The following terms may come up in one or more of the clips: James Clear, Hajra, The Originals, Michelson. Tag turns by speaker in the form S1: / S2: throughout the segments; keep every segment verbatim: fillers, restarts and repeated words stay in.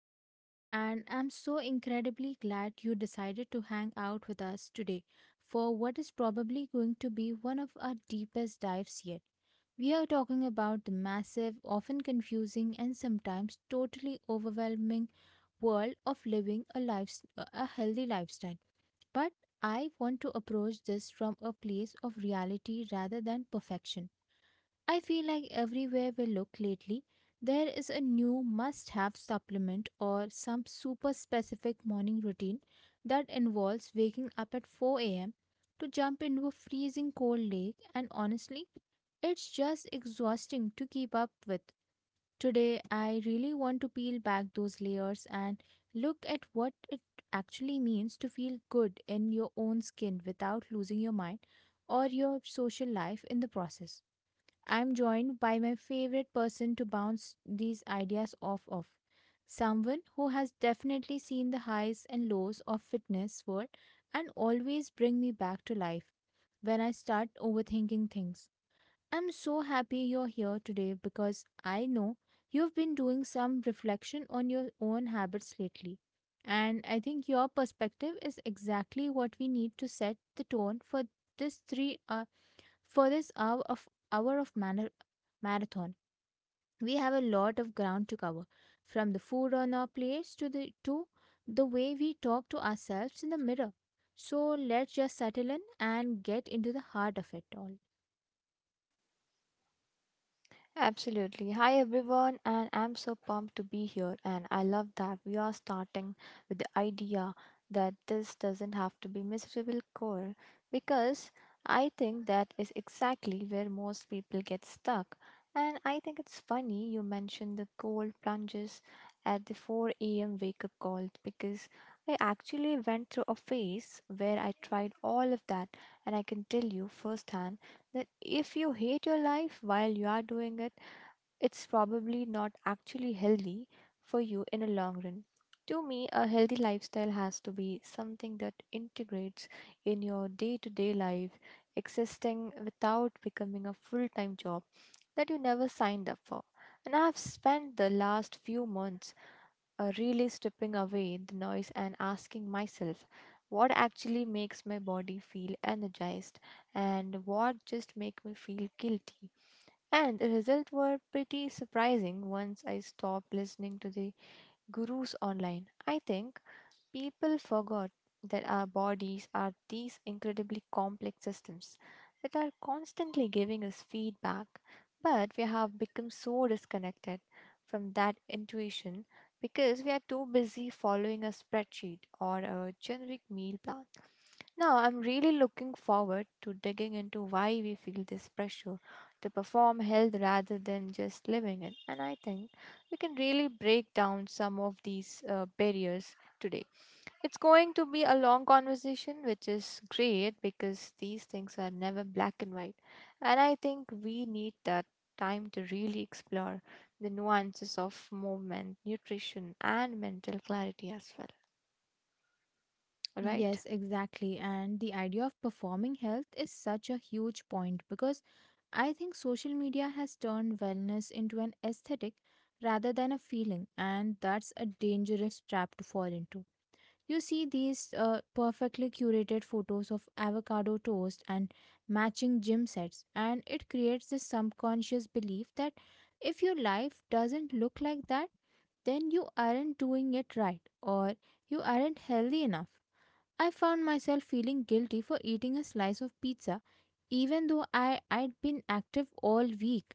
S1: show. And I'm so incredibly glad you decided to hang out with us today for what is probably going to be one of our deepest dives yet. We are talking about the massive, often confusing, and sometimes totally overwhelming world of living a, life, a healthy lifestyle. But I want to approach this from a place of reality rather than perfection. I feel like everywhere we look lately, there is a new must have supplement or some super specific morning routine that involves waking up at four a m to jump into a freezing cold lake, and honestly, it's just exhausting to keep up with. Today, I really want to peel back those layers and look at what it actually means to feel good in your own skin without losing your mind or your social life in the process. I'm joined by my favorite person to bounce these ideas off of. Someone who has definitely seen the highs and lows of fitness world and always bring me back to life when I start overthinking things. I'm so happy you're here today because I know you've been doing some reflection on your own habits lately. And I think your perspective is exactly what we need to set the tone for this three hour for this hour of hour of manner marathon. We have a lot of ground to cover, from the food on our plates to the to the way we talk to ourselves in the mirror. So let's just settle in and get into the heart of it all.
S2: Absolutely. Hi everyone, and I'm so pumped to be here. And I love that we are starting with the idea that this doesn't have to be miserable core, because I think that is exactly where most people get stuck. And I think it's funny you mentioned the cold plunges at the four a m wake up call, because I actually went through a phase where I tried all of that, and I can tell you firsthand that if you hate your life while you are doing it, it's probably not actually healthy for you in a long run. To me, a healthy lifestyle has to be something that integrates in your day to day life, existing without becoming a full time job that you never signed up for. And I have spent the last few months uh, really stripping away the noise and asking myself what actually makes my body feel energized and what just make me feel guilty. And the results were pretty surprising once I stopped listening to the gurus online. I think people forgot that our bodies are these incredibly complex systems that are constantly giving us feedback, but we have become so disconnected from that intuition because we are too busy following a spreadsheet or a generic meal plan. Now, I'm really looking forward to digging into why we feel this pressure to perform health rather than just living it. And I think we can really break down some of these uh, barriers today. It's going to be a long conversation, which is great because these things are never black and white. And I think we need that time to really explore the nuances of movement, nutrition, and mental clarity as well. All right?
S1: Yes, exactly. And the idea of performing health is such a huge point because I think social media has turned wellness into an aesthetic rather than a feeling, and that's a dangerous trap to fall into. You see these uh, perfectly curated photos of avocado toast and matching gym sets, and it creates this subconscious belief that if your life doesn't look like that, then you aren't doing it right or you aren't healthy enough. I found myself feeling guilty for eating a slice of pizza even though I, I'd been active all week,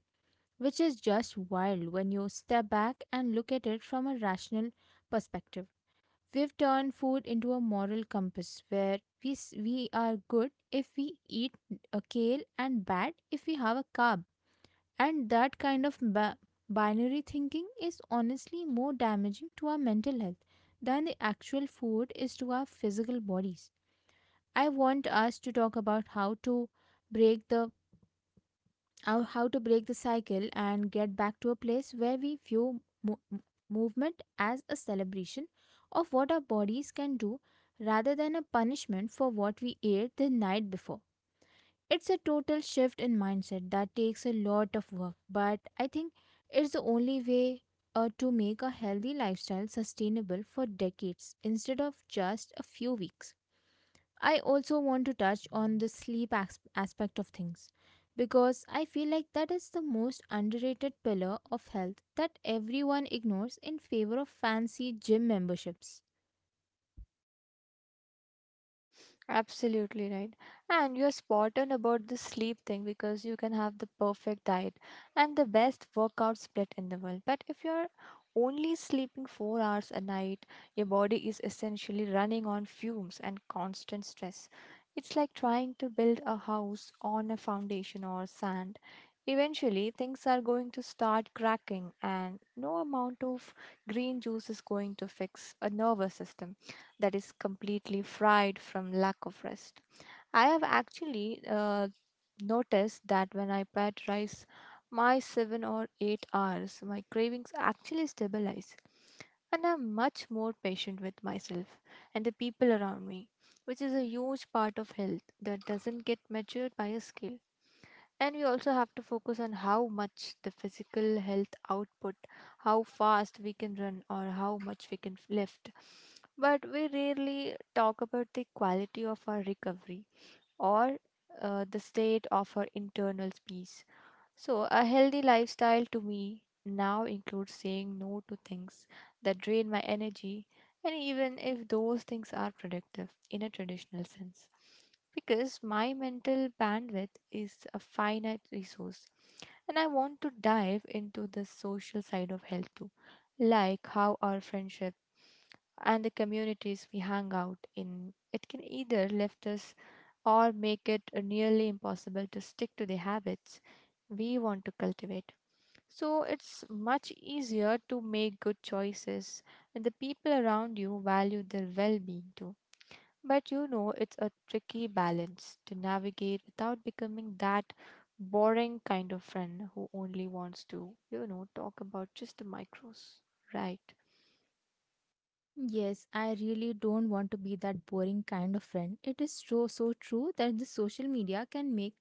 S1: which is just wild when you step back and look at it from a rational perspective. We've turned food into a moral compass where we, s- we are good if we eat a kale and bad if we have a carb. And that kind of ba- binary thinking is honestly more damaging to our mental health than the actual food is to our physical bodies. I want us to talk about how to break the how how to break the cycle and get back to a place where we view mo- m- movement as a celebration of what our bodies can do rather than a punishment for what we ate the night before. It's a total shift in mindset that takes a lot of work, but I think it's the only way uh, to make a healthy lifestyle sustainable for decades instead of just a few weeks. I also want to touch on the sleep as- aspect of things because I feel like that is the most underrated pillar of health that everyone ignores in favor of fancy gym memberships.
S2: Absolutely right. And you're spot on about the sleep thing, because you can have the perfect diet and the best workout split in the world. But if you're only sleeping four hours a night, your body is essentially running on fumes and constant stress. It's like trying to build a house on a foundation or sand. Eventually, things are going to start cracking, and no amount of green juice is going to fix a nervous system that is completely fried from lack of rest. I have actually uh, noticed that when I prioritize my seven or eight hours, my cravings actually stabilize and I'm much more patient with myself and the people around me, which is a huge part of health that doesn't get measured by a scale. And we also have to focus on how much the physical health output, how fast we can run, or how much we can lift. But we rarely talk about the quality of our recovery or uh, the state of our internal peace. So, a healthy lifestyle to me now includes saying no to things that drain my energy, and even if those things are productive in a traditional sense. Because my mental bandwidth is a finite resource, and I want to dive into the social side of health too, like how our friendship and the communities we hang out in it can either left us or make it uh, nearly impossible to stick to the habits we want to cultivate. So it's much easier to make good choices when the people around you value their well being too. But you know, it's a tricky balance to navigate without becoming that boring kind of friend who only wants to, you know, talk about just the micros, right?
S1: Yes, I really don't want to be that boring kind of friend. It is so so true that the social media can make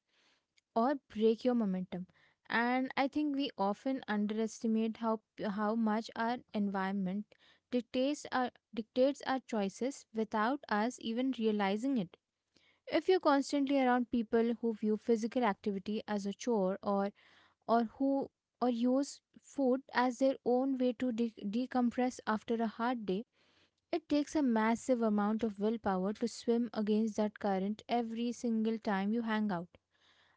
S1: or break your momentum. And I think we often underestimate how how much our environment dictates our dictates our choices without us even realizing it. If you're constantly around people who view physical activity as a chore or or who or use food as their own way to de- decompress after a hard day, it takes a massive amount of willpower to swim against that current every single time you hang out.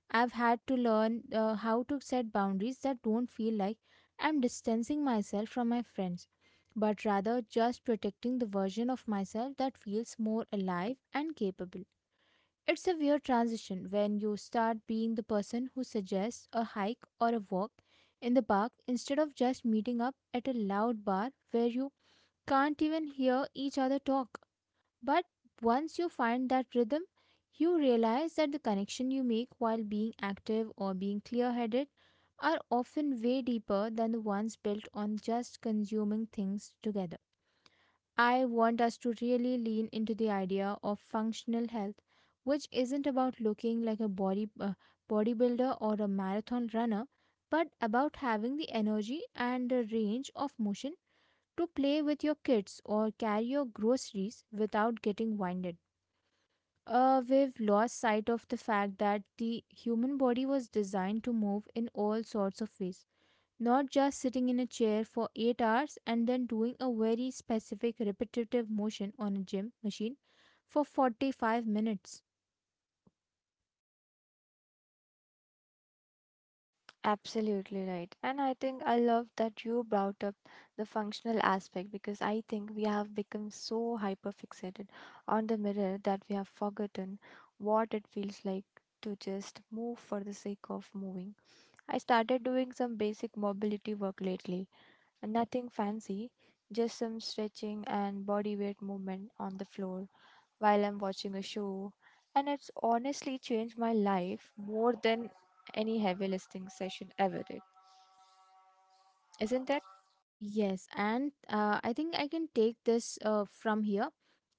S1: I've had to learn uh, how to set boundaries that don't feel like I'm distancing myself from my friends, but rather just protecting the version of myself that feels more alive and capable. It's a weird transition when you start being the person who suggests a hike or a walk in the park instead of just meeting up at a loud bar where you can't even hear each other talk. But once you find that rhythm, you realize that the connection you make while being active or being clear headed are often way deeper than the ones built on just consuming things together. I want us to really lean into the idea of functional health, which isn't about looking like a body uh, bodybuilder or a marathon runner, but about having the energy and the range of motion to play with your kids or carry your groceries without getting winded. Uh, we've lost sight of the fact that the human body was designed to move in all sorts of ways, not just sitting in a chair for eight hours and then doing a very specific repetitive motion on a gym machine for forty-five minutes.
S2: Absolutely right. And I think I love that you brought up the functional aspect, because I think we have become so hyper fixated on the mirror that we have forgotten what it feels like to just move for the sake of moving. I started doing some basic mobility work lately. Nothing fancy, just some stretching and body weight movement on the floor while I'm watching a show. And it's honestly changed my life more than any heavy lifting session ever did, isn't it?
S1: Yes, and uh, I think I can take this uh, from here.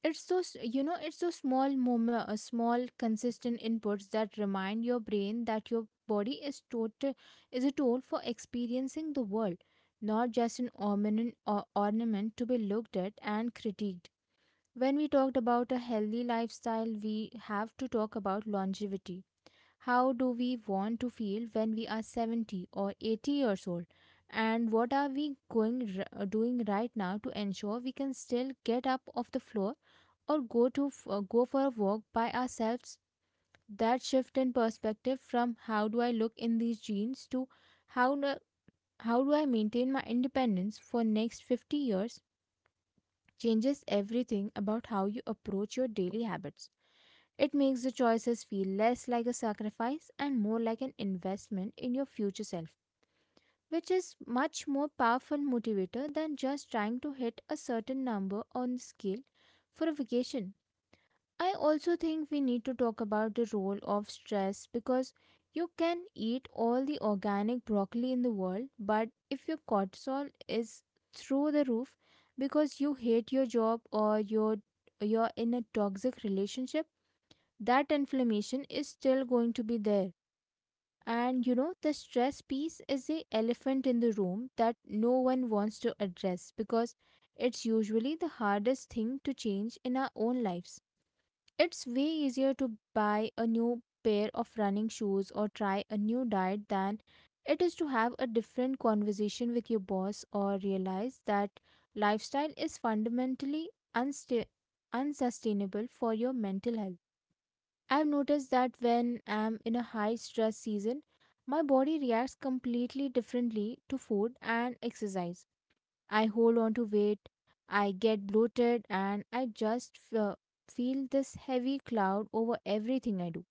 S1: It's those, you know, it's those small moment, uh, small consistent inputs that remind your brain that your body is total is a tool for experiencing the world, not just an ornament or ornament to be looked at and critiqued. When we talked about a healthy lifestyle, we have to talk about longevity. How do we want to feel when we are seventy or eighty years old? And what are we going r- uh, doing right now to ensure we can still get up off the floor or go to f- uh, go for a walk by ourselves? That shift in perspective from how do I look in these jeans to how do- how do I maintain my independence for next fifty years changes everything about how you approach your daily habits. It makes the choices feel less like a sacrifice and more like an investment in your future self, which is much more powerful motivator than just trying to hit a certain number on the scale for a vacation. I also think we need to talk about the role of stress because you can eat all the organic broccoli in the world, but if your cortisol is through the roof because you hate your job or your you're in a toxic relationship, that inflammation is still going to be there. And you know, the stress piece is the elephant in the room that no one wants to address because it's usually the hardest thing to change in our own lives. It's way easier to buy a new pair of running shoes or try a new diet than it is to have a different conversation with your boss or realize that lifestyle is fundamentally unsta- unsustainable for your mental health. I've noticed that when I'm in a high stress season, my body reacts completely differently to food and exercise. I hold on to weight, I get bloated, and I just fe- feel this heavy cloud over everything I do.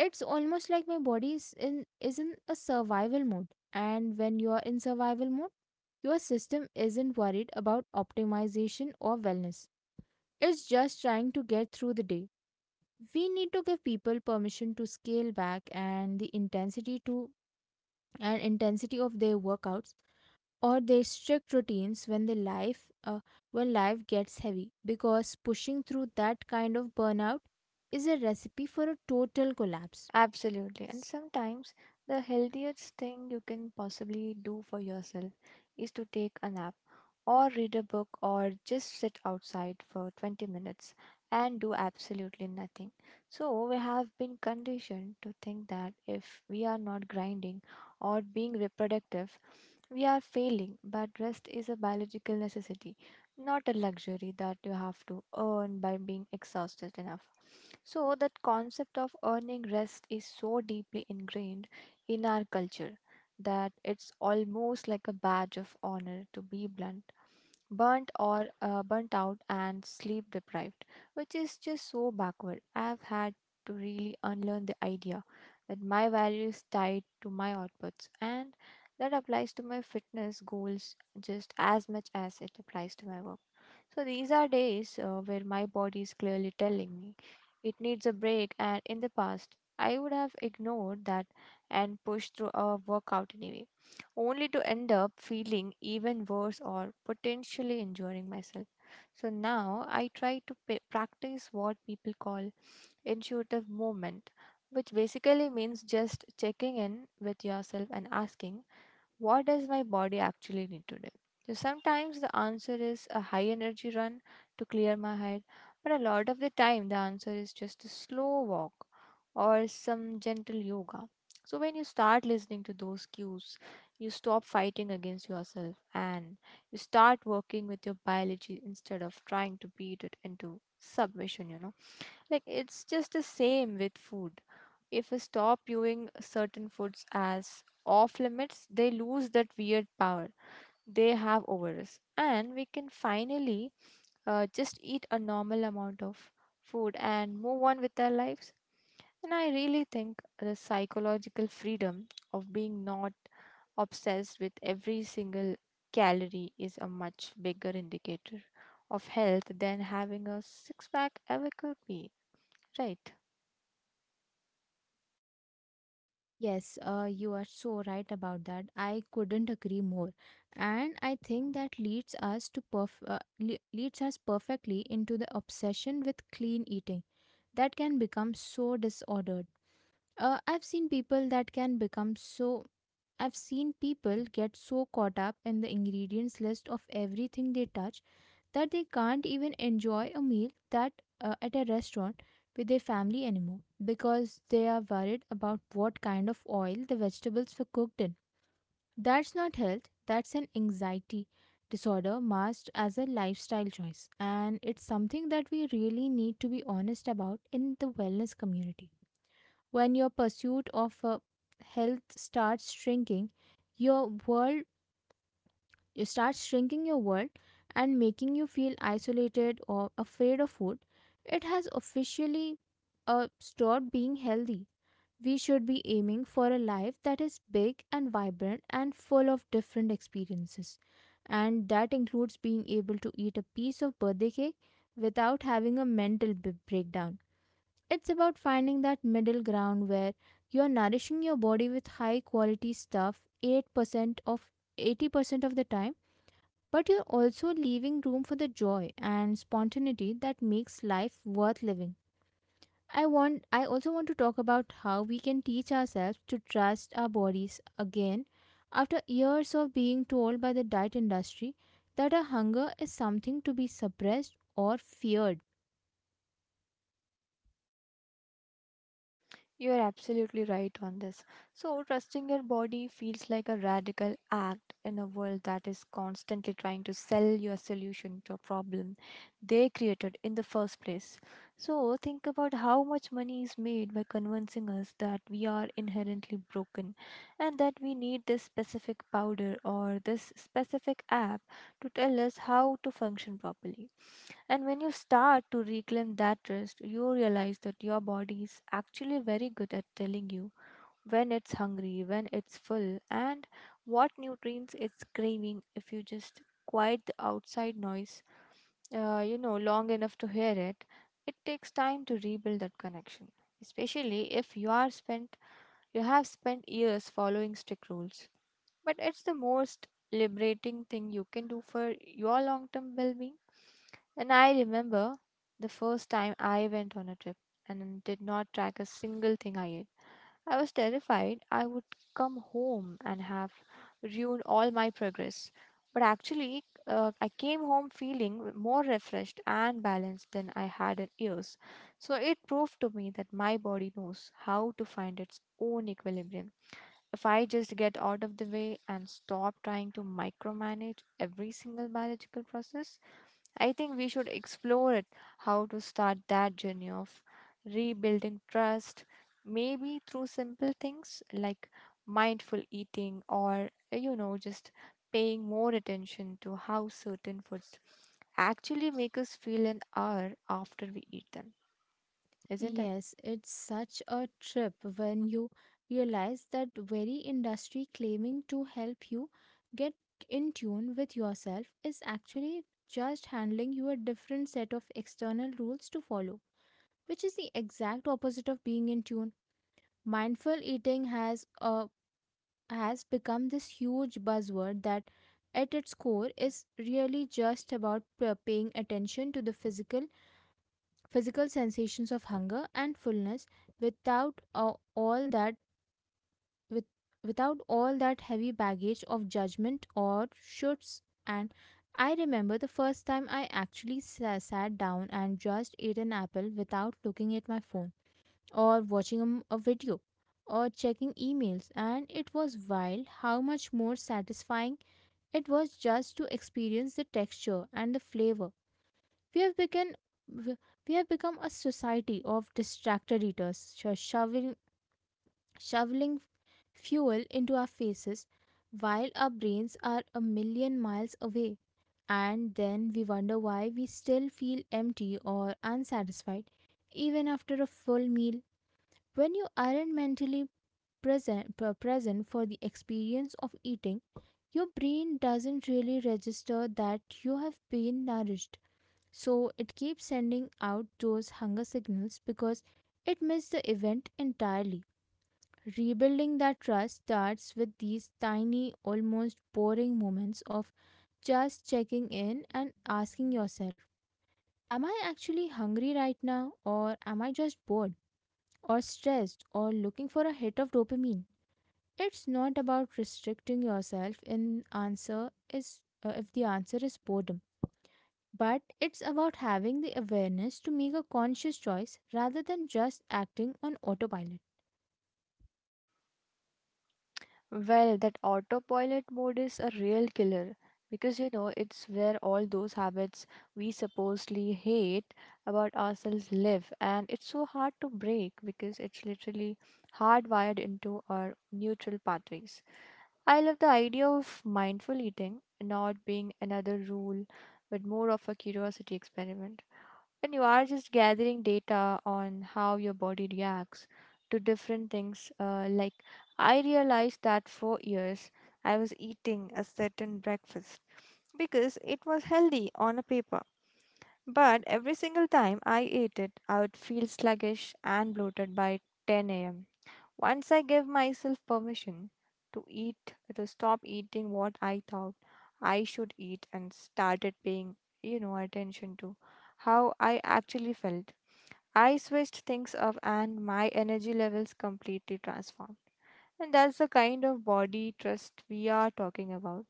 S1: It's almost like my body is in is in a survival mode. And when you're in survival mode, your system isn't worried about optimization or wellness. It's just trying to get through the day. We need to give people permission to scale back and the intensity to and intensity of their workouts or their strict routines when the life uh, when life gets heavy, because pushing through that kind of burnout is a recipe for a total collapse.
S2: Absolutely. And
S1: S-
S2: sometimes the healthiest thing you can possibly do for yourself is to take a nap or read a book or just sit outside for twenty minutes and do absolutely nothing. So we have been conditioned to think that if we are not grinding or being reproductive, we are failing, but rest is a biological necessity, not a luxury that you have to earn by being exhausted enough. So, that concept of earning rest is so deeply ingrained in our culture that it's almost like a badge of honor to be blunt, burnt or uh, burnt out and sleep deprived, which is just so backward. I've had to really unlearn the idea that my value is tied to my outputs, and that applies to my fitness goals just as much as it applies to my work. So these are days uh, where my body is clearly telling me it needs a break, and in the past, I would have ignored that and pushed through a workout anyway, only to end up feeling even worse or potentially injuring myself. So now I try to pa- practice what people call intuitive movement, which basically means just checking in with yourself and asking, what does my body actually need today? So sometimes the answer is a high energy run to clear my head, but a lot of the time the answer is just a slow walk or some gentle yoga. So when you start listening to those cues, you stop fighting against yourself and you start working with your biology instead of trying to beat it into submission, you know. Like, it's just the same with food. If we stop viewing certain foods as off limits, they lose that weird power they have over us. And we can finally uh, just eat a normal amount of food and move on with our lives. And I really think the psychological freedom of being not obsessed with every single calorie is a much bigger indicator of health than having a six pack ever could be. Right.
S1: yes, uh, you are so right about that. I couldn't agree more, and I think that leads us to perf- uh, le- leads us perfectly into the obsession with clean eating that can become so disordered. Uh, I've seen people that can become so. I've seen people get so caught up in the ingredients list of everything they touch that they can't even enjoy a meal that uh, at a restaurant with their family anymore because they are worried about what kind of oil the vegetables were cooked in. That's not health. That's an anxiety disorder masked as a lifestyle choice, and it's something that we really need to be honest about in the wellness community. When your pursuit of uh, health starts shrinking, your world you start shrinking your world and making you feel isolated or afraid of food, it has officially uh, stopped being healthy. We should be aiming for a life that is big and vibrant and full of different experiences. And that includes being able to eat a piece of birthday cake without having a mental b- breakdown. It's about finding that middle ground where you're nourishing your body with high quality stuff 8% of eighty percent of the time, but you're also leaving room for the joy and spontaneity that makes life worth living. I want I also want to talk about how we can teach ourselves to trust our bodies again after years of being told by the diet industry that our hunger is something to be suppressed or feared.
S2: You are absolutely right on this. So, trusting your body feels like a radical act in a world that is constantly trying to sell you a solution to a problem they created in the first place. So, think about how much money is made by convincing us that we are inherently broken and that we need this specific powder or this specific app to tell us how to function properly. And when you start to reclaim that rest, you realize that your body is actually very good at telling you when it's hungry, when it's full, and what nutrients it's craving if you just quiet the outside noise, uh, you know, long enough to hear it. It takes time to rebuild that connection, especially if you are spent, you have spent years following strict rules. But it's the most liberating thing you can do for your long term well being. And I remember the first time I went on a trip and did not track a single thing I ate. I was terrified I would come home and have ruined all my progress. But actually, uh, I came home feeling more refreshed and balanced than I had in years. So it proved to me that my body knows how to find its own equilibrium if I just get out of the way and stop trying to micromanage every single biological process. I think we should explore it, how to start that journey of rebuilding trust, maybe through simple things like mindful eating, or, you know, just paying more attention to how certain foods actually make us feel an hour after we eat them, isn't it?
S1: Yes, it's such a trip when you realize that very industry claiming to help you get in tune with yourself is actually just handling you a different set of external rules to follow, which is the exact opposite of being in tune. Mindful eating has uh, has become this huge buzzword that at its core is really just about p- paying attention to the physical physical sensations of hunger and fullness without uh, all that with, without all that heavy baggage of judgment or shoulds. And I remember the first time I actually sa- sat down and just ate an apple without looking at my phone or watching a, m- a video or checking emails, and it was wild how much more satisfying it was just to experience the texture and the flavor. we have begun w- we have become a society of distracted eaters, sho- shoveling shoveling fuel into our faces while our brains are a million miles away. And then we wonder why we still feel empty or unsatisfied even after a full meal. When you aren't mentally present, pre- present for the experience of eating, your brain doesn't really register that you have been nourished. So it keeps sending out those hunger signals because it missed the event entirely. Rebuilding that trust starts with these tiny, almost boring moments of just checking in and asking yourself, "Am I actually hungry right now, or am I just bored, or stressed, or looking for a hit of dopamine?" It's not about restricting yourself in answer is uh, if the answer is boredom, but it's about having the awareness to make a conscious choice rather than just acting on autopilot.
S2: Well, that autopilot mode is a real killer, because you know it's where all those habits we supposedly hate about ourselves live, and it's so hard to break because it's literally hardwired into our neutral pathways. I love the idea of mindful eating not being another rule but more of a curiosity experiment, when you are just gathering data on how your body reacts to different things. Uh, like, I realized that for years I was eating a certain breakfast because it was healthy on a paper, but every single time I ate it, I would feel sluggish and bloated by ten a m. Once I gave myself permission to eat, to stop eating what I thought I should eat and started paying, you know, attention to how I actually felt, I switched things up and my energy levels completely transformed. And that's the kind of body trust we are talking about,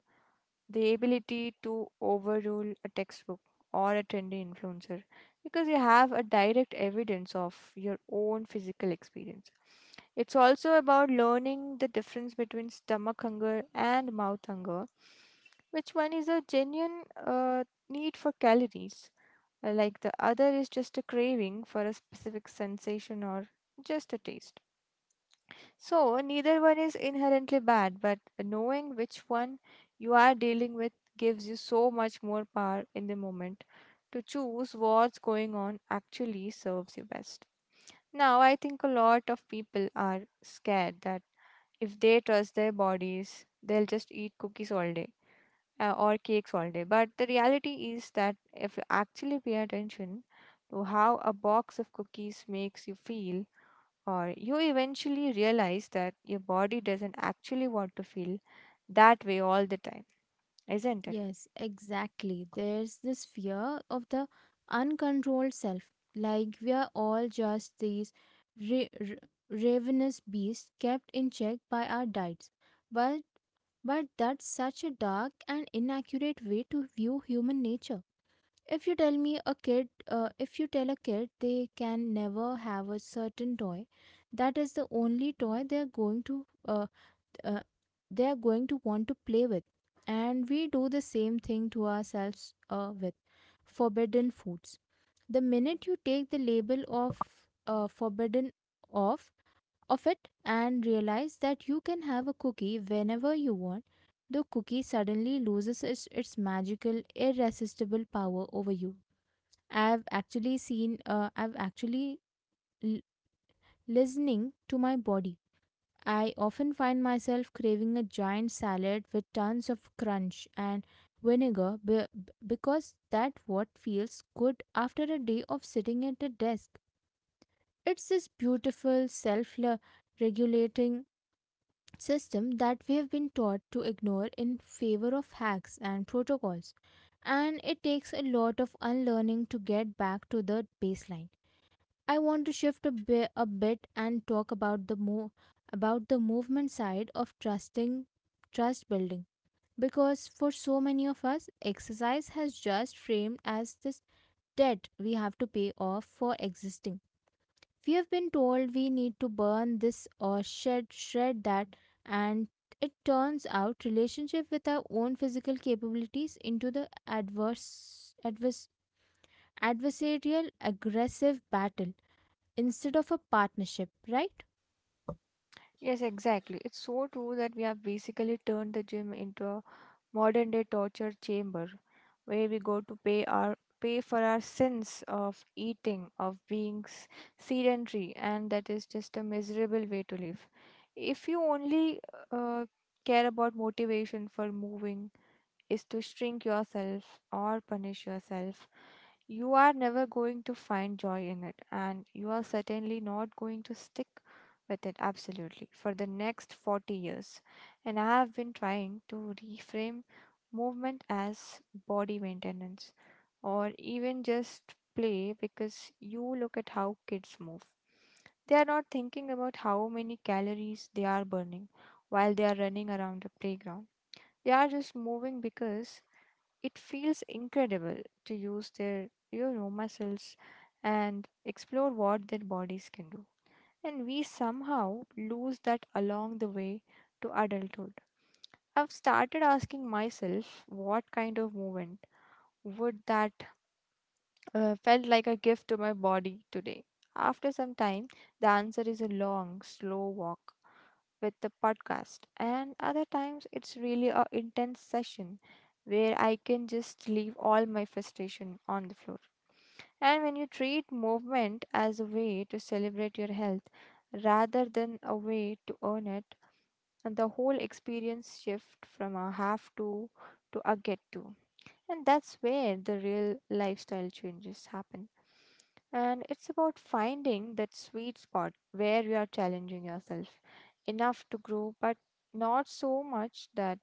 S2: the ability to overrule a textbook or a trendy influencer because you have a direct evidence of your own physical experience. It's also about learning the difference between stomach hunger and mouth hunger, which one is a genuine uh, need for calories, uh, like the other is just a craving for a specific sensation or just a taste. So, neither one is inherently bad, but knowing which one you are dealing with gives you so much more power in the moment to choose what's going on actually serves you best. Now, I think a lot of people are scared that if they trust their bodies, they'll just eat cookies all day uh, or cakes all day. But the reality is that if you actually pay attention to how a box of cookies makes you feel, or you eventually realize that your body doesn't actually want to feel that way all the time, isn't it?
S1: Yes, exactly. There's this fear of the uncontrolled self. Like we are all just these ra- ra- ravenous beasts kept in check by our diets. But but that's such a dark and inaccurate way to view human nature. If you tell me a kid, uh, If you tell a kid they can never have a certain toy, that is the only toy they are going to uh, uh, they are going to want to play with, and we do the same thing to ourselves uh, with forbidden foods. The minute you take the label of uh, forbidden off of it and realize that you can have a cookie whenever you want, the cookie suddenly loses its, its magical, irresistible power over you. I've actually seen, uh, I've actually l- Listening to my body, I often find myself craving a giant salad with tons of crunch and vinegar be- because that what feels good after a day of sitting at a desk. It's this beautiful self-regulating system that we have been taught to ignore in favor of hacks and protocols, and it takes a lot of unlearning to get back to the baseline. I want to shift a bit, a bit and talk about the mo- about the movement side of trusting trust building, because for so many of us exercise has just framed as this debt we have to pay off for existing. We have been told we need to burn this or shed shred that, and it turns out relationship with our own physical capabilities into the adverse advers adversarial aggressive battle instead of a partnership, right?
S2: Yes, exactly. It's so true that we have basically turned the gym into a modern day torture chamber where we go to pay our pay for our sins of eating, of being s- sedentary, and that is just a miserable way to live. If you only uh, care about motivation for moving is to shrink yourself or punish yourself, you are never going to find joy in it, and you are certainly not going to stick with it absolutely for the next forty years. And I have been trying to reframe movement as body maintenance or even just play because you look at how kids move. They are not thinking about how many calories they are burning while they are running around the playground. They are just moving because it feels incredible to use their you know muscles and explore what their bodies can do, and we somehow lose that along the way to adulthood. I've started asking myself what kind of movement would that uh, felt like a gift to my body today. After some time, the answer is a long slow walk with the podcast, and other times it's really a intense session where I can just leave all my frustration on the floor. And when you treat movement as a way to celebrate your health rather than a way to earn it, and the whole experience shift from a have to to a get to. And that's where the real lifestyle changes happen. And it's about finding that sweet spot where you are challenging yourself enough to grow, but not so much that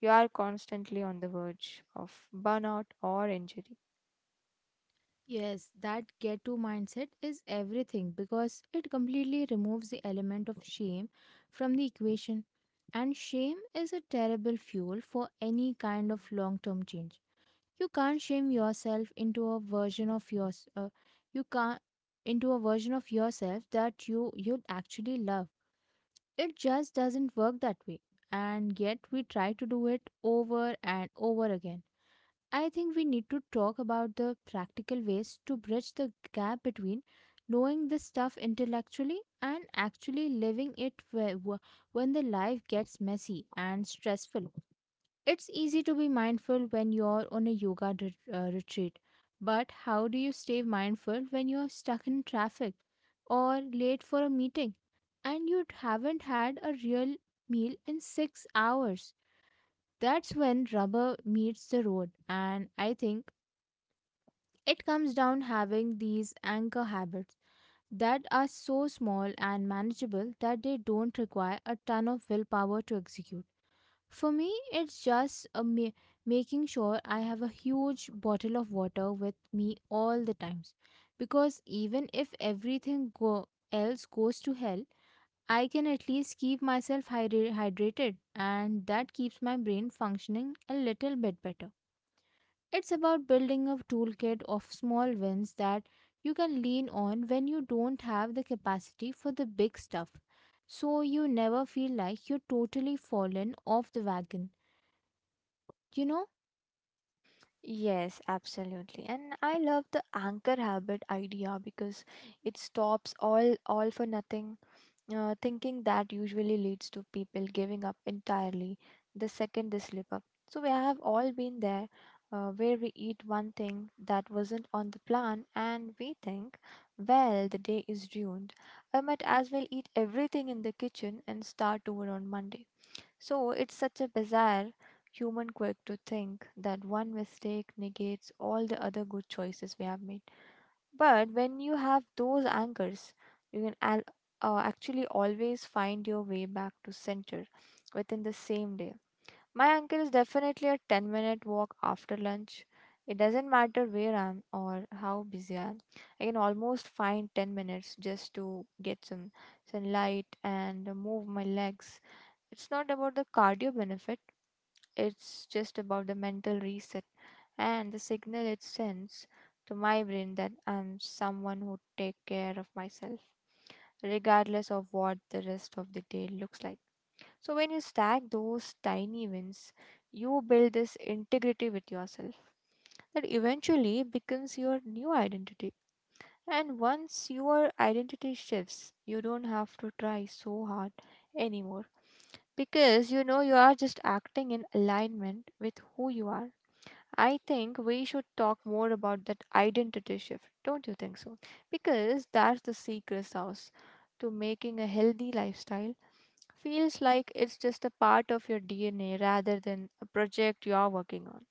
S2: you are constantly on the verge of burnout or injury.
S1: Yes, that get to mindset is everything because it completely removes the element of shame from the equation. And shame is a terrible fuel for any kind of long term change. You can't shame yourself into a version of yours. Uh, you can't into a version of yourself that you you'd actually love. It just doesn't work that way. And yet we try to do it over and over again. I think we need to talk about the practical ways to bridge the gap between knowing this stuff intellectually and actually living it whe- wh- when the life gets messy and stressful. It's easy to be mindful when you're on a yoga ret- uh, retreat, but how do you stay mindful when you're stuck in traffic or late for a meeting and you haven't had a real meal in six hours? That's when rubber meets the road, and I think it comes down having these anchor habits that are so small and manageable that they don't require a ton of willpower to execute. For me, it's just a ma- making sure I have a huge bottle of water with me all the times, because even if everything go- else goes to hell, I can at least keep myself hydra- hydrated, and that keeps my brain functioning a little bit better. It's about building a toolkit of small wins that you can lean on when you don't have the capacity for the big stuff, so you never feel like you're totally fallen off the wagon. You know?
S2: Yes, absolutely. And I love the anchor habit idea because it stops all all for nothing Uh, thinking that usually leads to people giving up entirely the second they slip up. So, we have all been there uh, where we eat one thing that wasn't on the plan and we think, well, the day is ruined. I might as well eat everything in the kitchen and start over on Monday. So, it's such a bizarre human quirk to think that one mistake negates all the other good choices we have made. But when you have those anchors, you can al- uh, actually always find your way back to center within the same day. My anchor is definitely a ten minute walk after lunch. It doesn't matter where I am or how busy I am. I can almost find ten minutes just to get some sunlight and move my legs. It's not about the cardio benefit, it's just about the mental reset and the signal it sends to my brain that I'm someone who take care of myself regardless of what the rest of the day looks like. So when you stack those tiny wins, you build this integrity with yourself that eventually becomes your new identity. And once your identity shifts, you don't have to try so hard anymore because you know you are just acting in alignment with who you are. I think we should talk more about that identity shift, don't you think so? Because that's the secret sauce to making a healthy lifestyle. Feels like it's just a part of your D N A rather than a project you're working on.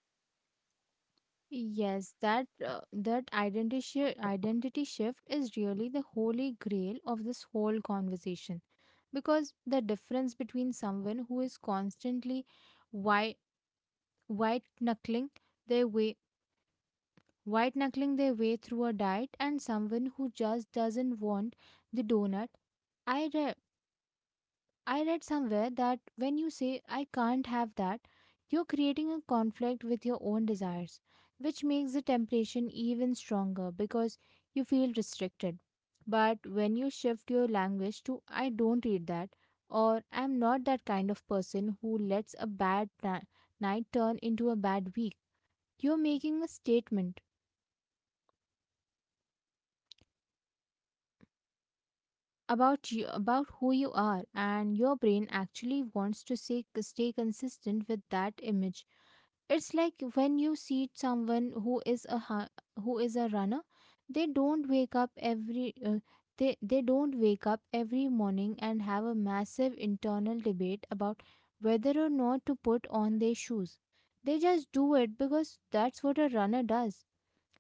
S1: Yes, that uh, that identity shi- identity shift is really the holy grail of this whole conversation, because the difference between someone who is constantly white white knuckling their way white knuckling their way through a diet and someone who just doesn't want the donut. I read I read somewhere that when you say "I can't have that," you're creating a conflict with your own desires, which makes the temptation even stronger because you feel restricted. But when you shift your language to "I don't eat that" or "I'm not that kind of person who lets a bad na- night turn into a bad week," you're making a statement about you about who you are, and your brain actually wants to say, stay consistent with that image. It's like when you see someone who is a hu- who is a runner. They don't wake up every uh, they they don't wake up every morning and have a massive internal debate about whether or not to put on their shoes. They just do it because that's what a runner does.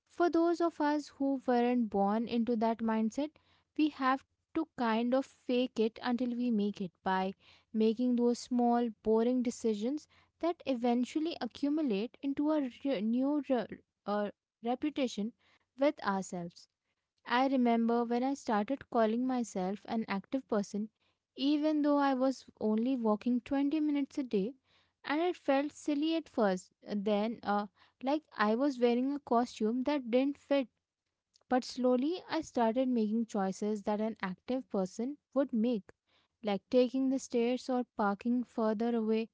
S1: For those of us who weren't born into that mindset, we have to kind of fake it until we make it by making those small, boring decisions that eventually accumulate into a re- new re- uh, reputation with ourselves. I remember when I started calling myself an active person, even though I was only walking twenty minutes a day, and it felt silly at first. Then, uh, like I was wearing a costume that didn't fit. But slowly, I started making choices that an active person would make, like taking the stairs or parking further away.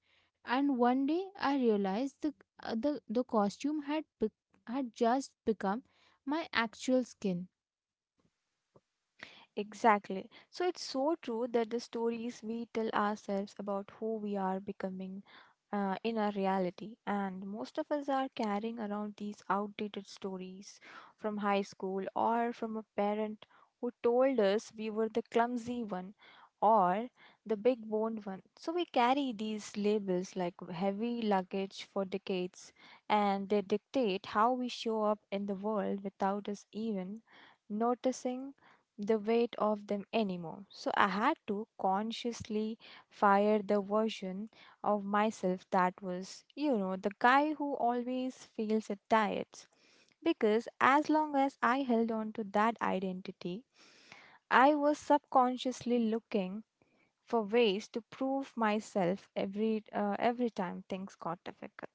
S1: And one day, I realized the uh, the, the costume had be- had just become my actual skin.
S2: Exactly. So it's so true that the stories we tell ourselves about who we are becoming uh, in our reality, and most of us are carrying around these outdated stories from high school or from a parent who told us we were the clumsy one or the big boned one. So we carry these labels like heavy luggage for decades, and they dictate how we show up in the world without us even noticing the weight of them anymore. So I had to consciously fire the version of myself that was, you know, the guy who always fails at diets. Because as long as I held on to that identity, I was subconsciously looking for ways to prove myself every uh, every time things got difficult.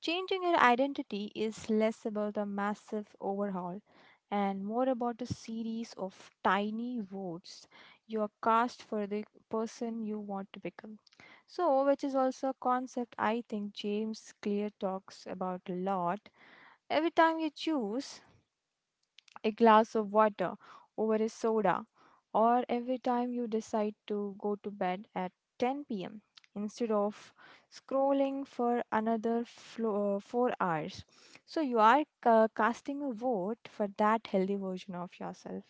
S2: Changing your identity is less about a massive overhaul and more about a series of tiny votes you are cast for the person you want to become. So, which is also a concept I think James Clear talks about a lot. Every time you choose, a glass of water over a soda, or every time you decide to go to bed at ten p m instead of scrolling for another flo- uh, four hours. So you are ca- casting a vote for that healthy version of yourself.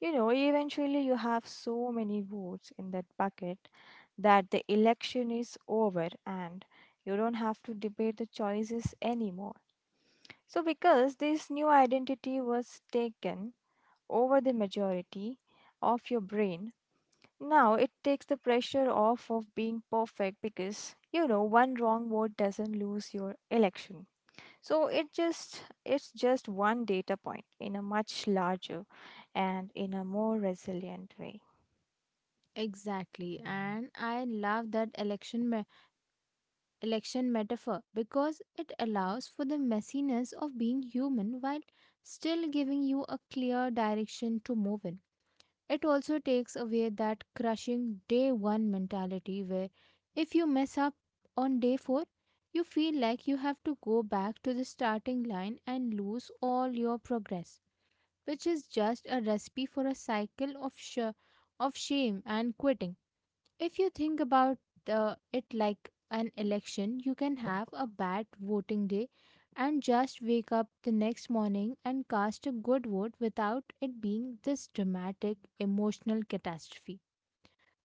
S2: You know, eventually you have so many votes in that bucket that the election is over and you don't have to debate the choices anymore. So, because this new identity was taken over the majority of your brain. Now it takes the pressure off of being perfect because you know one wrong vote doesn't lose your election. So it just it's just one data point in a much larger and in a more resilient way.
S1: Exactly, and I love that election me- election metaphor because it allows for the messiness of being human while still giving you a clear direction to move in. It also takes away that crushing day one mentality where if you mess up on day four, you feel like you have to go back to the starting line and lose all your progress, which is just a recipe for a cycle of sh- of shame and quitting. If you think about uh, it like an election, you can have a bad voting day and just wake up the next morning and cast a good vote without it being this dramatic emotional catastrophe.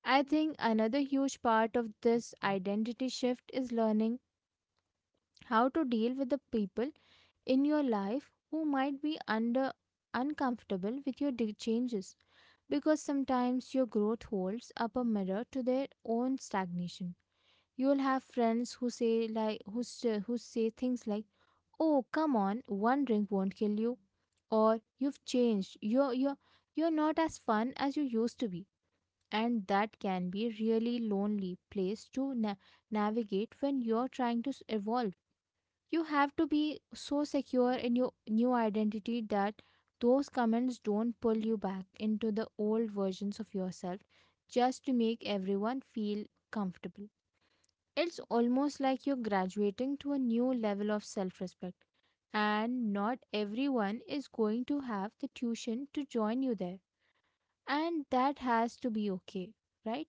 S1: I think another huge part of this identity shift is learning how to deal with the people in your life who might be under uncomfortable with your di- changes, because sometimes your growth holds up a mirror to their own stagnation. You will have friends who say like who, say- who say things like, "Oh, come on, one drink won't kill you," or, "You've changed, you're you're you're not as fun as you used to be." And that can be really lonely place to na- navigate when you're trying to s- evolve. You have to be so secure in your new identity that those comments don't pull you back into the old versions of yourself just to make everyone feel comfortable. It's almost like you're graduating to a new level of self respect, and not everyone is going to have the tuition to join you there. And that has to be okay, right?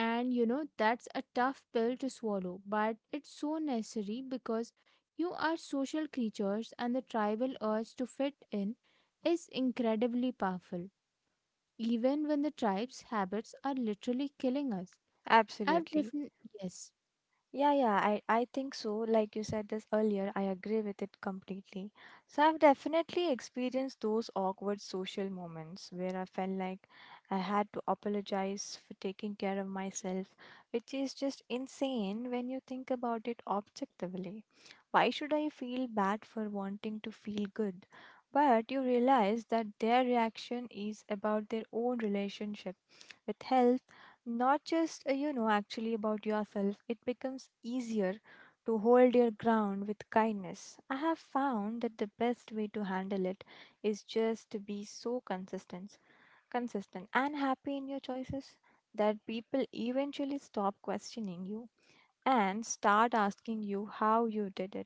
S1: And you know, that's a tough pill to swallow, but it's so necessary because you are social creatures and the tribal urge to fit in is incredibly powerful, even when the tribe's habits are literally killing us. I've
S2: Absolutely.
S1: definitely, yes.
S2: Yeah, yeah, I, I think so. Like you said this earlier, I agree with it completely. So I've definitely experienced those awkward social moments where I felt like I had to apologize for taking care of myself, which is just insane when you think about it objectively. Why should I feel bad for wanting to feel good? But you realize that their reaction is about their own relationship with health not just uh, you know actually about yourself it becomes easier to hold your ground with kindness. I have found that the best way to handle it is just to be so consistent consistent and happy in your choices that people eventually stop questioning you and start asking you how you did it.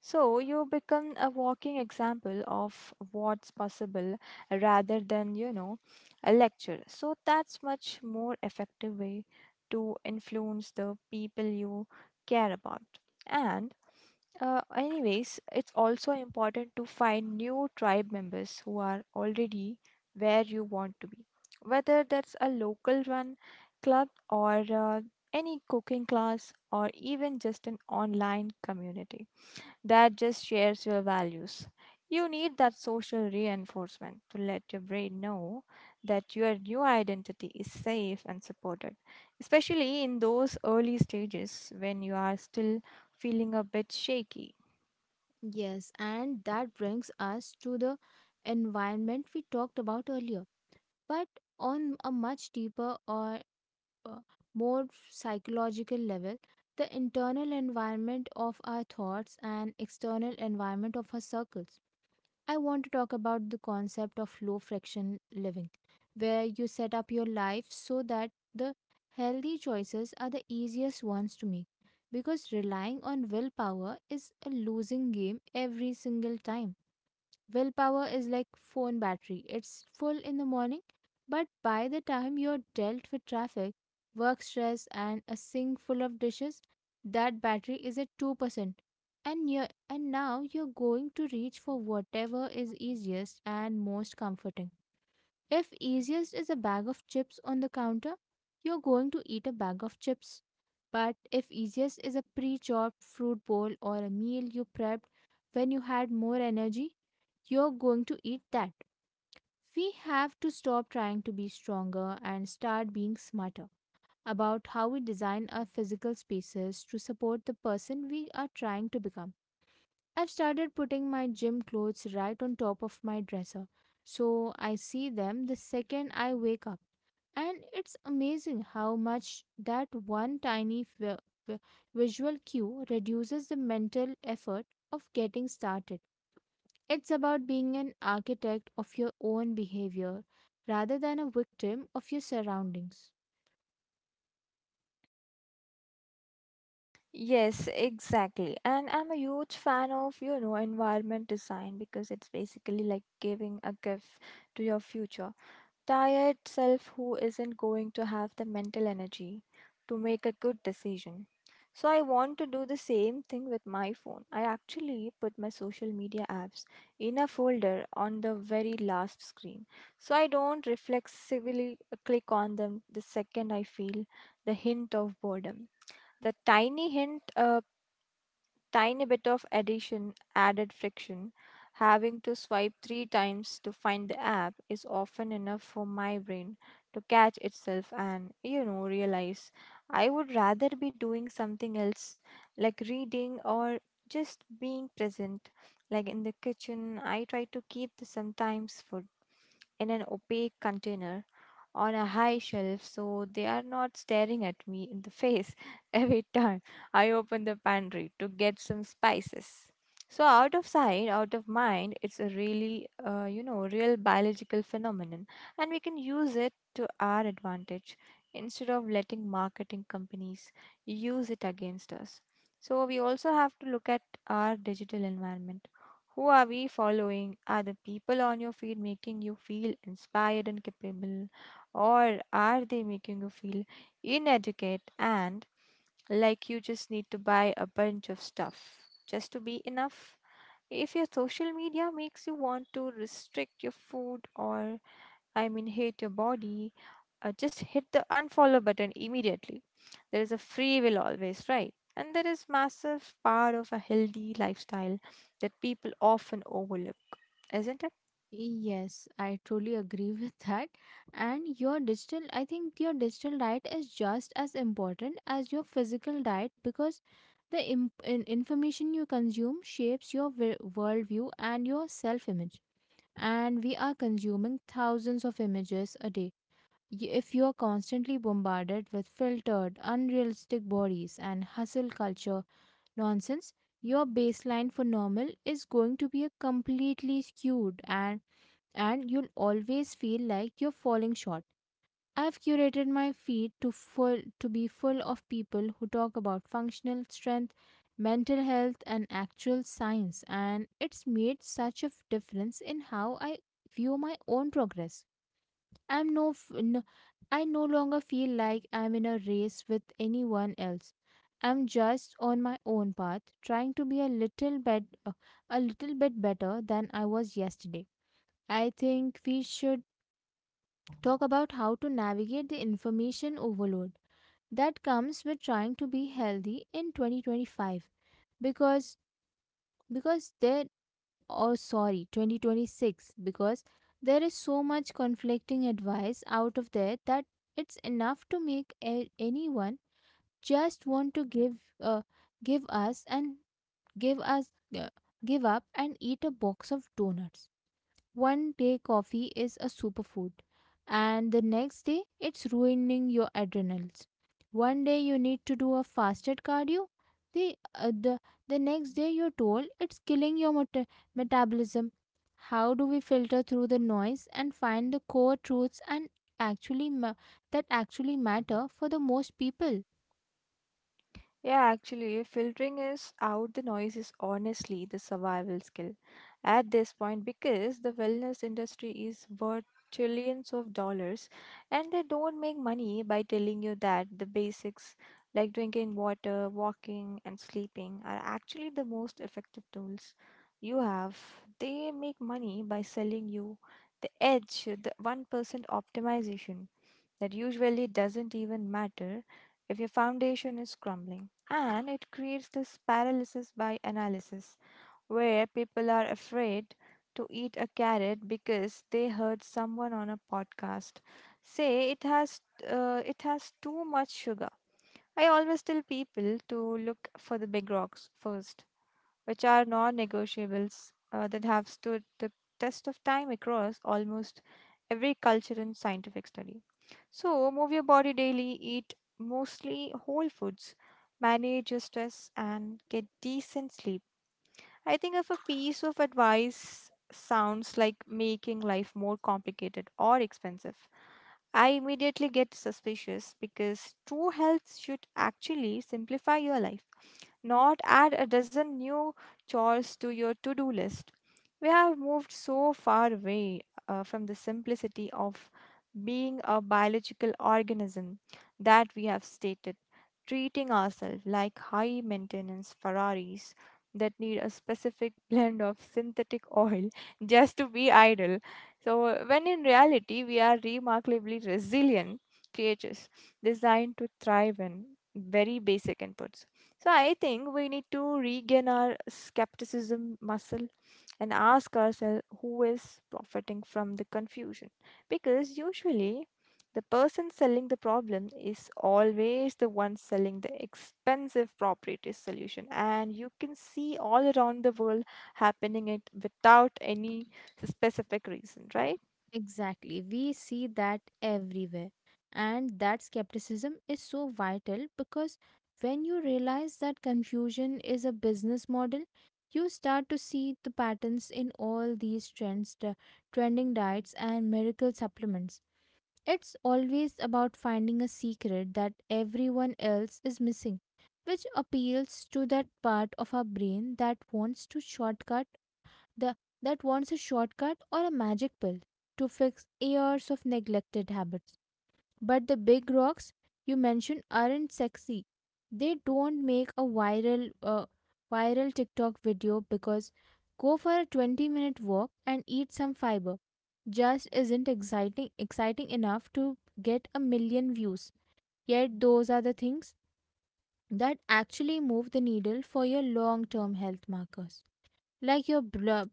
S2: So you become a walking example of what's possible rather than, you know, a lecture. So that's much more effective way to influence the people you care about. And uh, anyways, it's also important to find new tribe members who are already where you want to be. Whether that's a local run club or uh, any cooking class or even just an online community that just shares your values. You need that social reinforcement to let your brain know that your new identity is safe and supported, especially in those early stages when you are still feeling a bit shaky.
S1: Yes, and that brings us to the environment we talked about earlier, but on a much deeper or uh, more psychological level: the internal environment of our thoughts and external environment of our circles. I want to talk about the concept of low friction living, where you set up your life so that the healthy choices are the easiest ones to make. Because relying on willpower is a losing game every single time. Willpower is like phone battery. It's full in the morning, but by the time you're dealt with traffic, work stress and a sink full of dishes, that battery is at two percent. And you are and Now you're going to reach for whatever is easiest and most comforting. If easiest is a bag of chips on the counter, you're going to eat a bag of chips. But if easiest is a pre chopped fruit bowl or a meal you prepped when you had more energy, you're going to eat that. We have to stop trying to be stronger and start being smarter about how we design our physical spaces to support the person we are trying to become. I've started putting my gym clothes right on top of my dresser so I see them the second I wake up. And it's amazing how much that one tiny vi- vi- visual cue reduces the mental effort of getting started. It's about being an architect of your own behavior rather than a victim of your surroundings.
S2: Yes, exactly. And I'm a huge fan of, you know, environment design because it's basically like giving a gift to your future tired self who isn't going to have the mental energy to make a good decision. So I want to do the same thing with my phone. I actually put my social media apps in a folder on the very last screen. So I don't reflexively click on them the second I feel the hint of boredom. The tiny hint uh, tiny bit of addition added friction. Having to swipe three times to find the app is often enough for my brain to catch itself and, you know, realize I would rather be doing something else like reading or just being present. Like in the kitchen, I try to keep the sometimes food in an opaque container on a high shelf so they are not staring at me in the face every time I open the pantry to get some spices. So out of sight, out of mind, it's a really, uh, you know, real biological phenomenon, and we can use it to our advantage instead of letting marketing companies use it against us. So we also have to look at our digital environment. Who are we following? Are the people on your feed making you feel inspired and capable? Or are they making you feel inadequate and like you just need to buy a bunch of stuff just to be enough? If your social media makes you want to restrict your food or, I mean, hate your body, uh, just hit the unfollow button immediately. There is a free will always, right? And there is massive part of a healthy lifestyle that people often overlook, isn't it?
S1: Yes, I truly agree with that. And your digital, I think your digital diet is just as important as your physical diet, because the imp- in- information you consume shapes your vi- worldview and your self image. And we are consuming thousands of images a day. Y- If you are constantly bombarded with filtered, unrealistic bodies and hustle culture nonsense, your baseline for normal is going to be a completely skewed, and and you'll always feel like you're falling short. I've curated my feed to full to be full of people who talk about functional strength, mental health and actual science, and it's made such a f- difference in how I view my own progress. I'm no, f- no I no longer feel like I'm in a race with anyone else. I'm just on my own path, trying to be a little bit a little bit better than I was yesterday. I think we should talk about how to navigate the information overload that comes with trying to be healthy in twenty twenty-five, because because there oh sorry twenty twenty-six, because there is so much conflicting advice out of there that it's enough to make a- anyone just want to give uh, give us and give us uh, give up and eat a box of donuts. One day coffee is a superfood, and the next day it's ruining your adrenals. One day you need to do a fasted cardio. The, uh, the, the next day you're told it's killing your meta- metabolism. How do we filter through the noise and find the core truths and actually ma- that actually matter for the most people?
S2: Yeah, actually, filtering is out the noise is honestly the survival skill at this point because the wellness industry is worth trillions of dollars and they don't make money by telling you that the basics like drinking water, walking, and sleeping are actually the most effective tools you have. They make money by selling you the edge, the one percent optimization that usually doesn't even matter if your foundation is crumbling. And it creates this paralysis by analysis where people are afraid to eat a carrot because they heard someone on a podcast say it has uh, it has too much sugar. I always tell people to look for the big rocks first, which are non negotiables uh, that have stood the test of time across almost every culture and scientific study. So, move your body daily, eat mostly whole foods, manage your stress, and get decent sleep. I think if a piece of advice sounds like making life more complicated or expensive, I immediately get suspicious, because true health should actually simplify your life, not add a dozen new chores to your to do list. We have moved so far away uh, from the simplicity of being a biological organism, that we have stated, treating ourselves like high maintenance Ferraris that need a specific blend of synthetic oil just to be idle. So, when in reality, we are remarkably resilient creatures designed to thrive in very basic inputs. So I think we need to regain our skepticism muscle and ask ourselves who is profiting from the confusion. Because usually, the person selling the problem is always the one selling the expensive proprietary solution, and you can see all around the world happening it without any specific reason, right?
S1: Exactly. We see that everywhere. And that skepticism is so vital, because when you realize that confusion is a business model, you start to see the patterns in all these trends, the trending diets and miracle supplements. It's always about finding a secret that everyone else is missing, which appeals to that part of our brain that wants to shortcut the, that wants a shortcut or a magic pill to fix years of neglected habits. But the big rocks you mentioned aren't sexy. They don't make a viral uh, viral TikTok video, because "go for a twenty minute walk and eat some fiber" just isn't exciting exciting enough to get a million views. Yet those are the things that actually move the needle for your long term health markers, like your blo-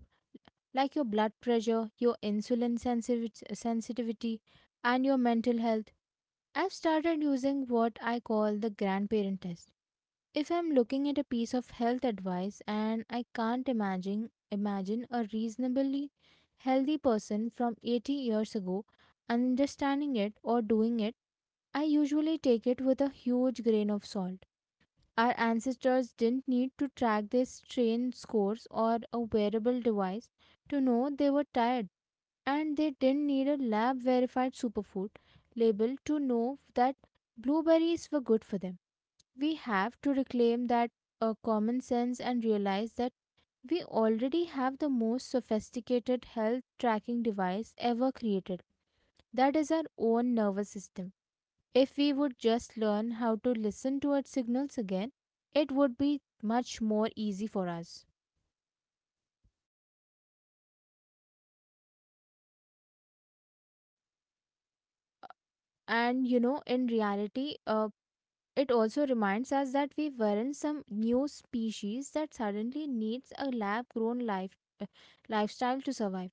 S1: like your blood pressure, your insulin sensivi- sensitivity, and your mental health. I've started using what I call the grandparent test. If I'm looking at a piece of health advice and I can't imagine imagine a reasonably healthy person from eighty years ago understanding it or doing it, I usually take it with a huge grain of salt. Our ancestors didn't need to track their strain scores or a wearable device to know they were tired, and they didn't need a lab verified superfood label to know that blueberries were good for them. We have to reclaim that uh, common sense and realize that we already have the most sophisticated health tracking device ever created. That is our own nervous system. If we would just learn how to listen to its signals again, it would be much more easy for us. And you know, in reality, uh, it also reminds us that we weren't some new species that suddenly needs a lab grown life lifestyle to survive.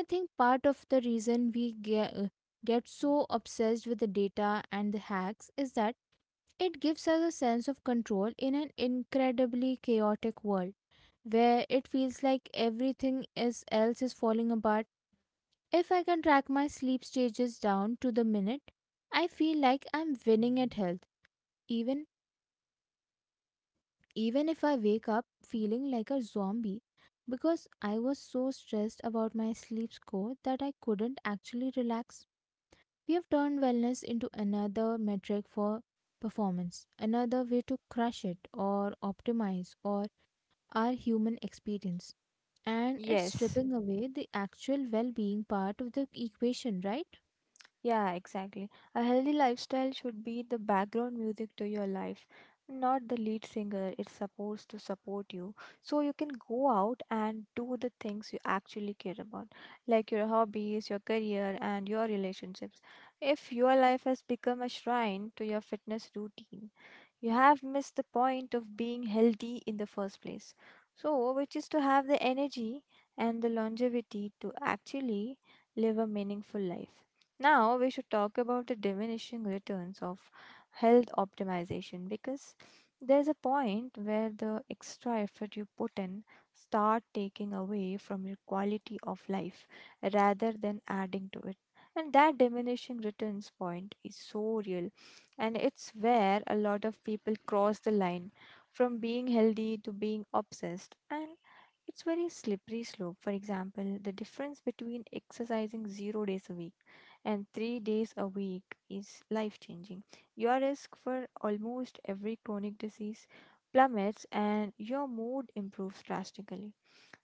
S1: I think part of the reason we get, get so obsessed with the data and the hacks is that it gives us a sense of control in an incredibly chaotic world, where it feels like everything is else is falling apart. If I can track my sleep stages down to the minute, I feel like I'm winning at health. Even even if I wake up feeling like a zombie because I was so stressed about my sleep score that I couldn't actually relax. We have turned wellness into another metric for performance, another way to crush it or optimize or our human experience. And it's
S2: Yes.
S1: stripping away the actual well being part of the equation, right?
S2: Yeah, exactly. A healthy lifestyle should be the background music to your life, not the lead singer. It's supposed to support you, so you can go out and do the things you actually care about, like your hobbies, your career, and your relationships. If your life has become a shrine to your fitness routine, you have missed the point of being healthy in the first place. So, which is to have the energy and the longevity to actually live a meaningful life. Now, we should talk about the diminishing returns of health optimization, because there's a point where the extra effort you put in start taking away from your quality of life rather than adding to it. And that diminishing returns point is so real, and it's where a lot of people cross the line from being healthy to being obsessed. And it's very slippery slope. For example, the difference between exercising zero days a week and three days a week is life changing. Your risk for almost every chronic disease plummets and your mood improves drastically,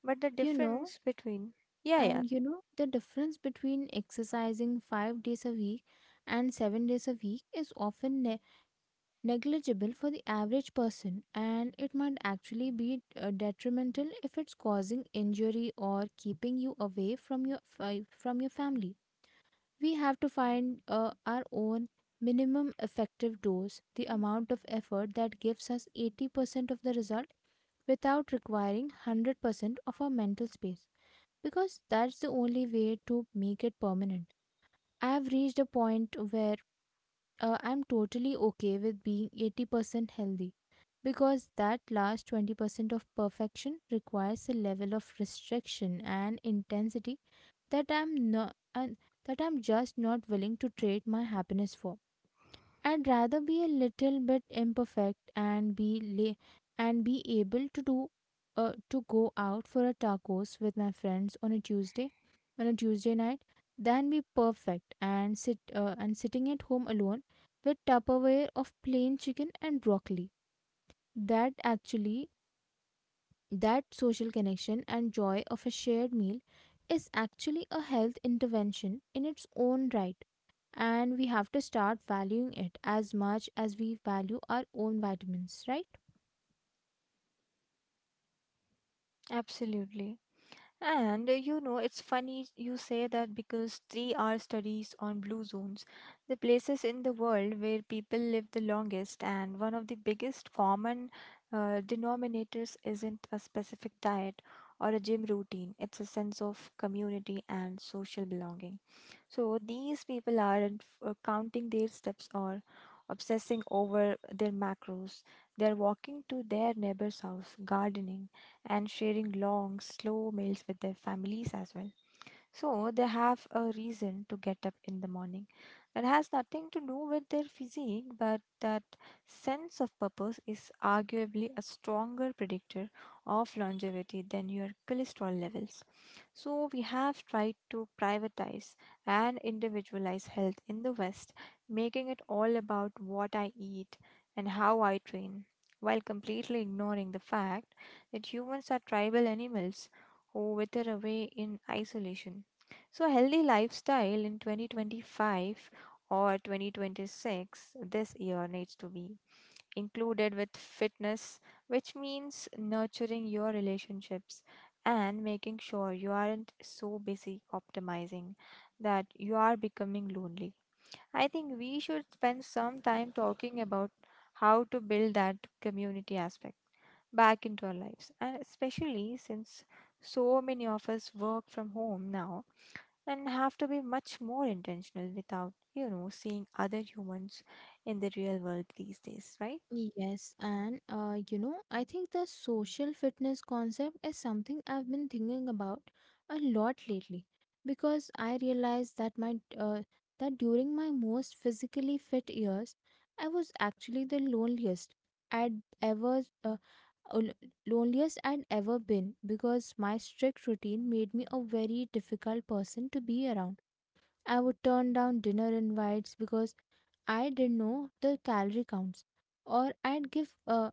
S2: but the
S1: You know,
S2: difference between, yeah, yeah,
S1: and you know, the difference between exercising five days a week and seven days a week is often negligible for the average person, and it might actually be uh, detrimental if it's causing injury or keeping you away from your fi- from your family. We have to find uh, our own minimum effective dose, the amount of effort that gives us eighty percent of the result without requiring one hundred percent of our mental space, because that's the only way to make it permanent. I've reached a point where uh, I'm totally okay with being eighty percent healthy, because that last twenty percent of perfection requires a level of restriction and intensity that I'm not and that I'm just not willing to trade my happiness for. I'd rather be a little bit imperfect and be la- and be able to do uh, to go out for a tacos with my friends on a Tuesday on a Tuesday night than be perfect and sit uh, and sitting at home alone with Tupperware of plain chicken and broccoli. That actually that social connection and joy of a shared meal is actually a health intervention in its own right, and we have to start valuing it as much as we value our own vitamins, right?
S2: absolutely. And uh, you know, it's funny you say that, because three are studies on blue zones, the places in the world where people live the longest, and one of the biggest common uh, denominators isn't a specific diet or a gym routine, it's a sense of community and social belonging. So these people aren't uh, counting their steps or obsessing over their macros. They're walking to their neighbor's house, gardening, and sharing long, slow meals with their families as well. So they have a reason to get up in the morning that has nothing to do with their physique, but that sense of purpose is arguably a stronger predictor of longevity than your cholesterol levels. So we have tried to privatize and individualize health in the West, making it all about what I eat and how I train, while completely ignoring the fact that humans are tribal animals who wither away in isolation. So, a healthy lifestyle in twenty twenty-five or twenty twenty-six this year needs to be included with fitness, which means nurturing your relationships and making sure you aren't so busy optimizing that you are becoming lonely. I think we should spend some time talking about how to build that community aspect back into our lives, and especially since so many of us work from home now and have to be much more intentional without, you know, seeing other humans in the real world these days, right?
S1: Yes, and uh, you know, I think the social fitness concept is something I've been thinking about a lot lately, because I realized that my uh, that during my most physically fit years, I was actually the loneliest I'd ever uh, l- loneliest I'd ever been, because my strict routine made me a very difficult person to be around. I would turn down dinner invites because I didn't know the calorie counts, or I'd give uh,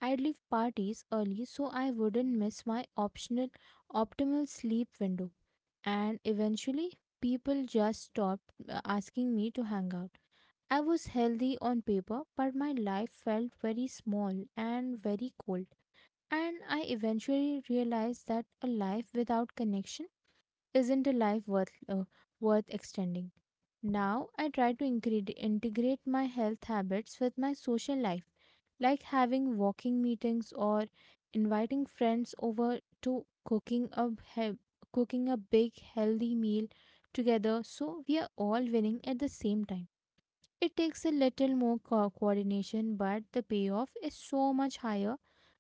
S1: I'd leave parties early so I wouldn't miss my optional optimal sleep window. And eventually, people just stopped uh, asking me to hang out. I was healthy on paper, but my life felt very small and very cold. And I eventually realized that a life without connection isn't a life worth uh, worth extending. Now I try to incre- integrate my health habits with my social life, like having walking meetings or inviting friends over to cooking a he- cooking a big healthy meal together, so we are all winning at the same time. It takes a little more co- coordination, but the payoff is so much higher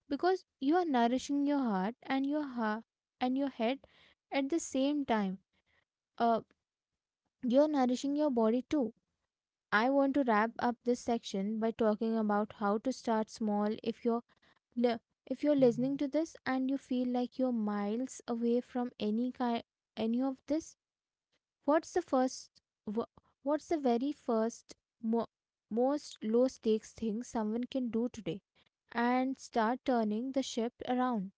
S1: because you are nourishing your heart and your heart and your head at the same time. Uh, you're nourishing your body too. I want to wrap up this section by talking about how to start small. If you're li- if you're listening to this and you feel like you're miles away from any kind any of this, What's the first? wha- what's the very first, mo- most low stakes thing someone can do today, and start turning the ship around?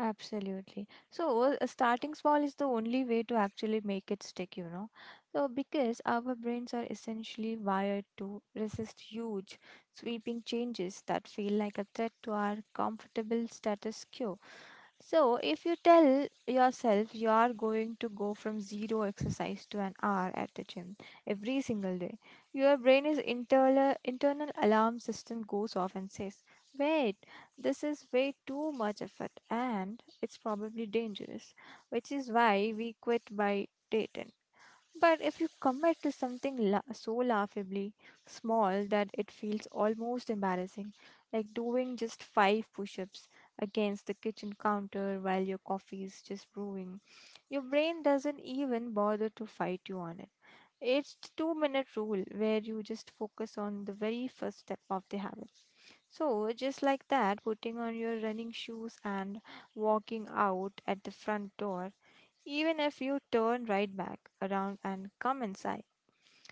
S2: Absolutely. So, uh, starting small is the only way to actually make it stick, you know. So, because our brains are essentially wired to resist huge, sweeping changes that feel like a threat to our comfortable status quo. So, if you tell yourself you are going to go from zero exercise to an hour at the gym every single day, your brain is internal internal alarm system goes off and says, "Wait, this is way too much effort and it's probably dangerous," which is why we quit by day ten. But if you commit to something la- so laughably small that it feels almost embarrassing, like doing just five push ups against the kitchen counter while your coffee is just brewing, your brain doesn't even bother to fight you on it. It's the two minute rule, where you just focus on the very first step of the habit, so, just like that, putting on your running shoes and walking out at the front door, even if you turn right back around and come inside,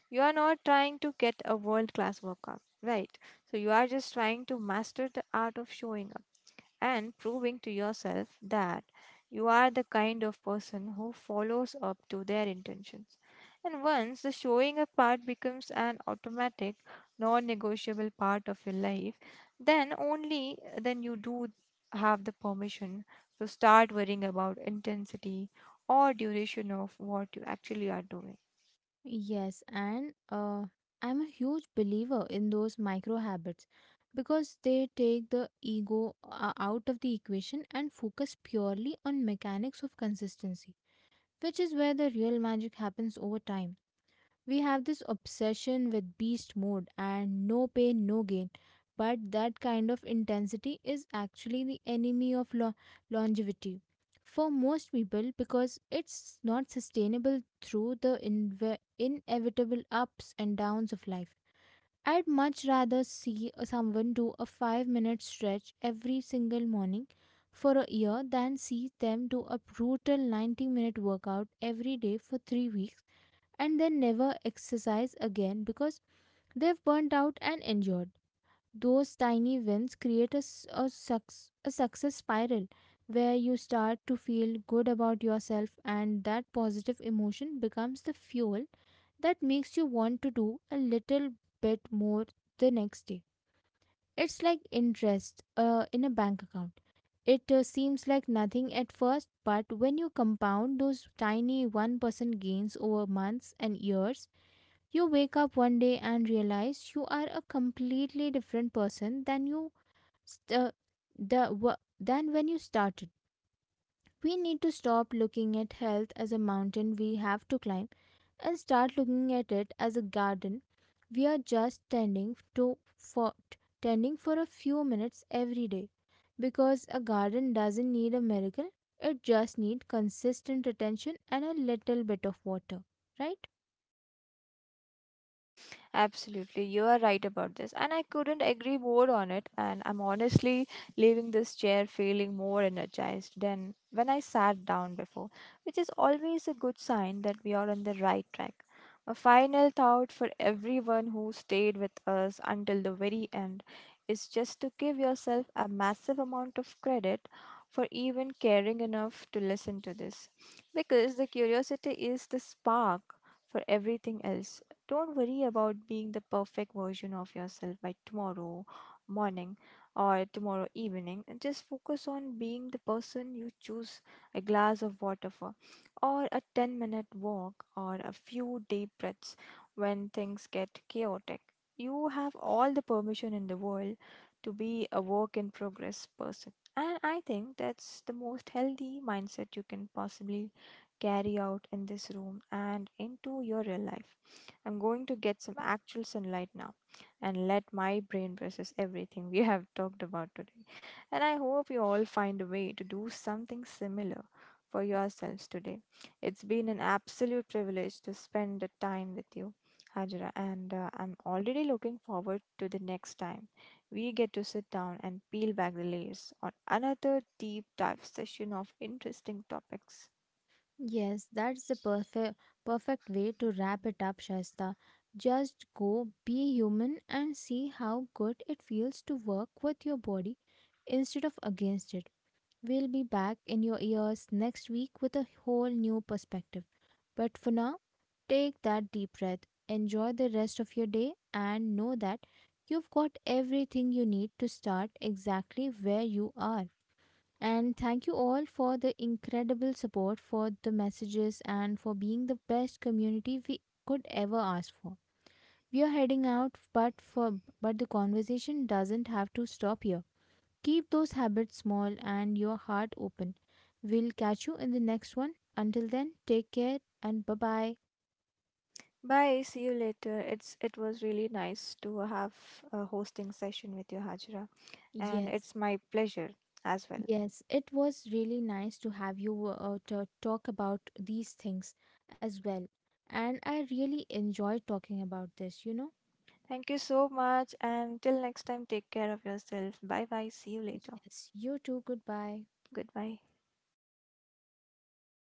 S2: you are not trying to get a world class workout, right? So, you are just trying to master the art of showing up and proving to yourself that you are the kind of person who follows up to their intentions. And once the showing up part becomes an automatic, non negotiable part of your life, then only uh, then you do have the permission to start worrying about intensity or duration of what you actually are doing.
S1: Yes, and uh, I'm a huge believer in those micro habits, because they take the ego uh, out of the equation and focus purely on mechanics of consistency, which is where the real magic happens over time. We have this obsession with beast mode and no pain, no gain. But that kind of intensity is actually the enemy of lo- longevity for most people, because it's not sustainable through the inve- inevitable ups and downs of life. I'd much rather see someone do a five minute stretch every single morning for a year than see them do a brutal ninety minute workout every day for three weeks and then never exercise again because they've burnt out and injured. Those tiny wins create a, s- a, suc- a success spiral, where you start to feel good about yourself, and that positive emotion becomes the fuel that makes you want to do a little bit more the next day. It's like interest uh, in a bank account. It uh, seems like nothing at first, but when you compound those tiny one percent gains over months and years, you wake up one day and realize you are a completely different person than you st- uh, the w- than when you started. We need to stop looking at health as a mountain we have to climb and start looking at it as a garden we are just tending to for tending for a few minutes every day, because a garden doesn't need a miracle, it just needs consistent attention and a little bit of water, right?
S2: Absolutely, you are right about this, and I couldn't agree more on it. And I'm honestly leaving this chair feeling more energized than when I sat down before, which is always a good sign that we are on the right track. A final thought for everyone who stayed with us until the very end is just to give yourself a massive amount of credit for even caring enough to listen to this, because the curiosity is the spark for everything else. Don't worry about being the perfect version of yourself by tomorrow morning or tomorrow evening. And just focus on being the person you choose a glass of water for, or a ten minute walk, or a few deep breaths when things get chaotic. You have all the permission in the world to be a work in progress person. And I think that's the most healthy mindset you can possibly carry out in this room and into your real life. I'm going to get some actual sunlight now and let my brain process everything we have talked about today. And I hope you all find a way to do something similar for yourselves today. It's been an absolute privilege to spend the time with you, Hajra, and uh, I'm already looking forward to the next time we get to sit down and peel back the layers on another deep dive session of interesting topics.
S1: Yes, that's the perfect perfect way to wrap it up, Shasta. Just go be human and see how good it feels to work with your body instead of against it. We'll be back in your ears next week with a whole new perspective. But for now, take that deep breath, enjoy the rest of your day, and know that you've got everything you need to start exactly where you are. And thank you all for the incredible support, for the messages, and for being the best community we could ever ask for. We are heading out, but for but the conversation doesn't have to stop here. Keep those habits small and your heart open. We'll catch you in the next one. Until then, take care and bye bye.
S2: Bye. See you later. It's it was really nice to have a hosting session with you, Hajra, and
S1: Yes,
S2: it's my pleasure as well.
S1: yes, it was really nice to have you uh, to talk about these things as well. And I really enjoyed talking about this, you know.
S2: Thank you so much, and till next time, take care of yourself. Bye bye. See you later.
S1: Yes, you too. Goodbye.
S2: Goodbye.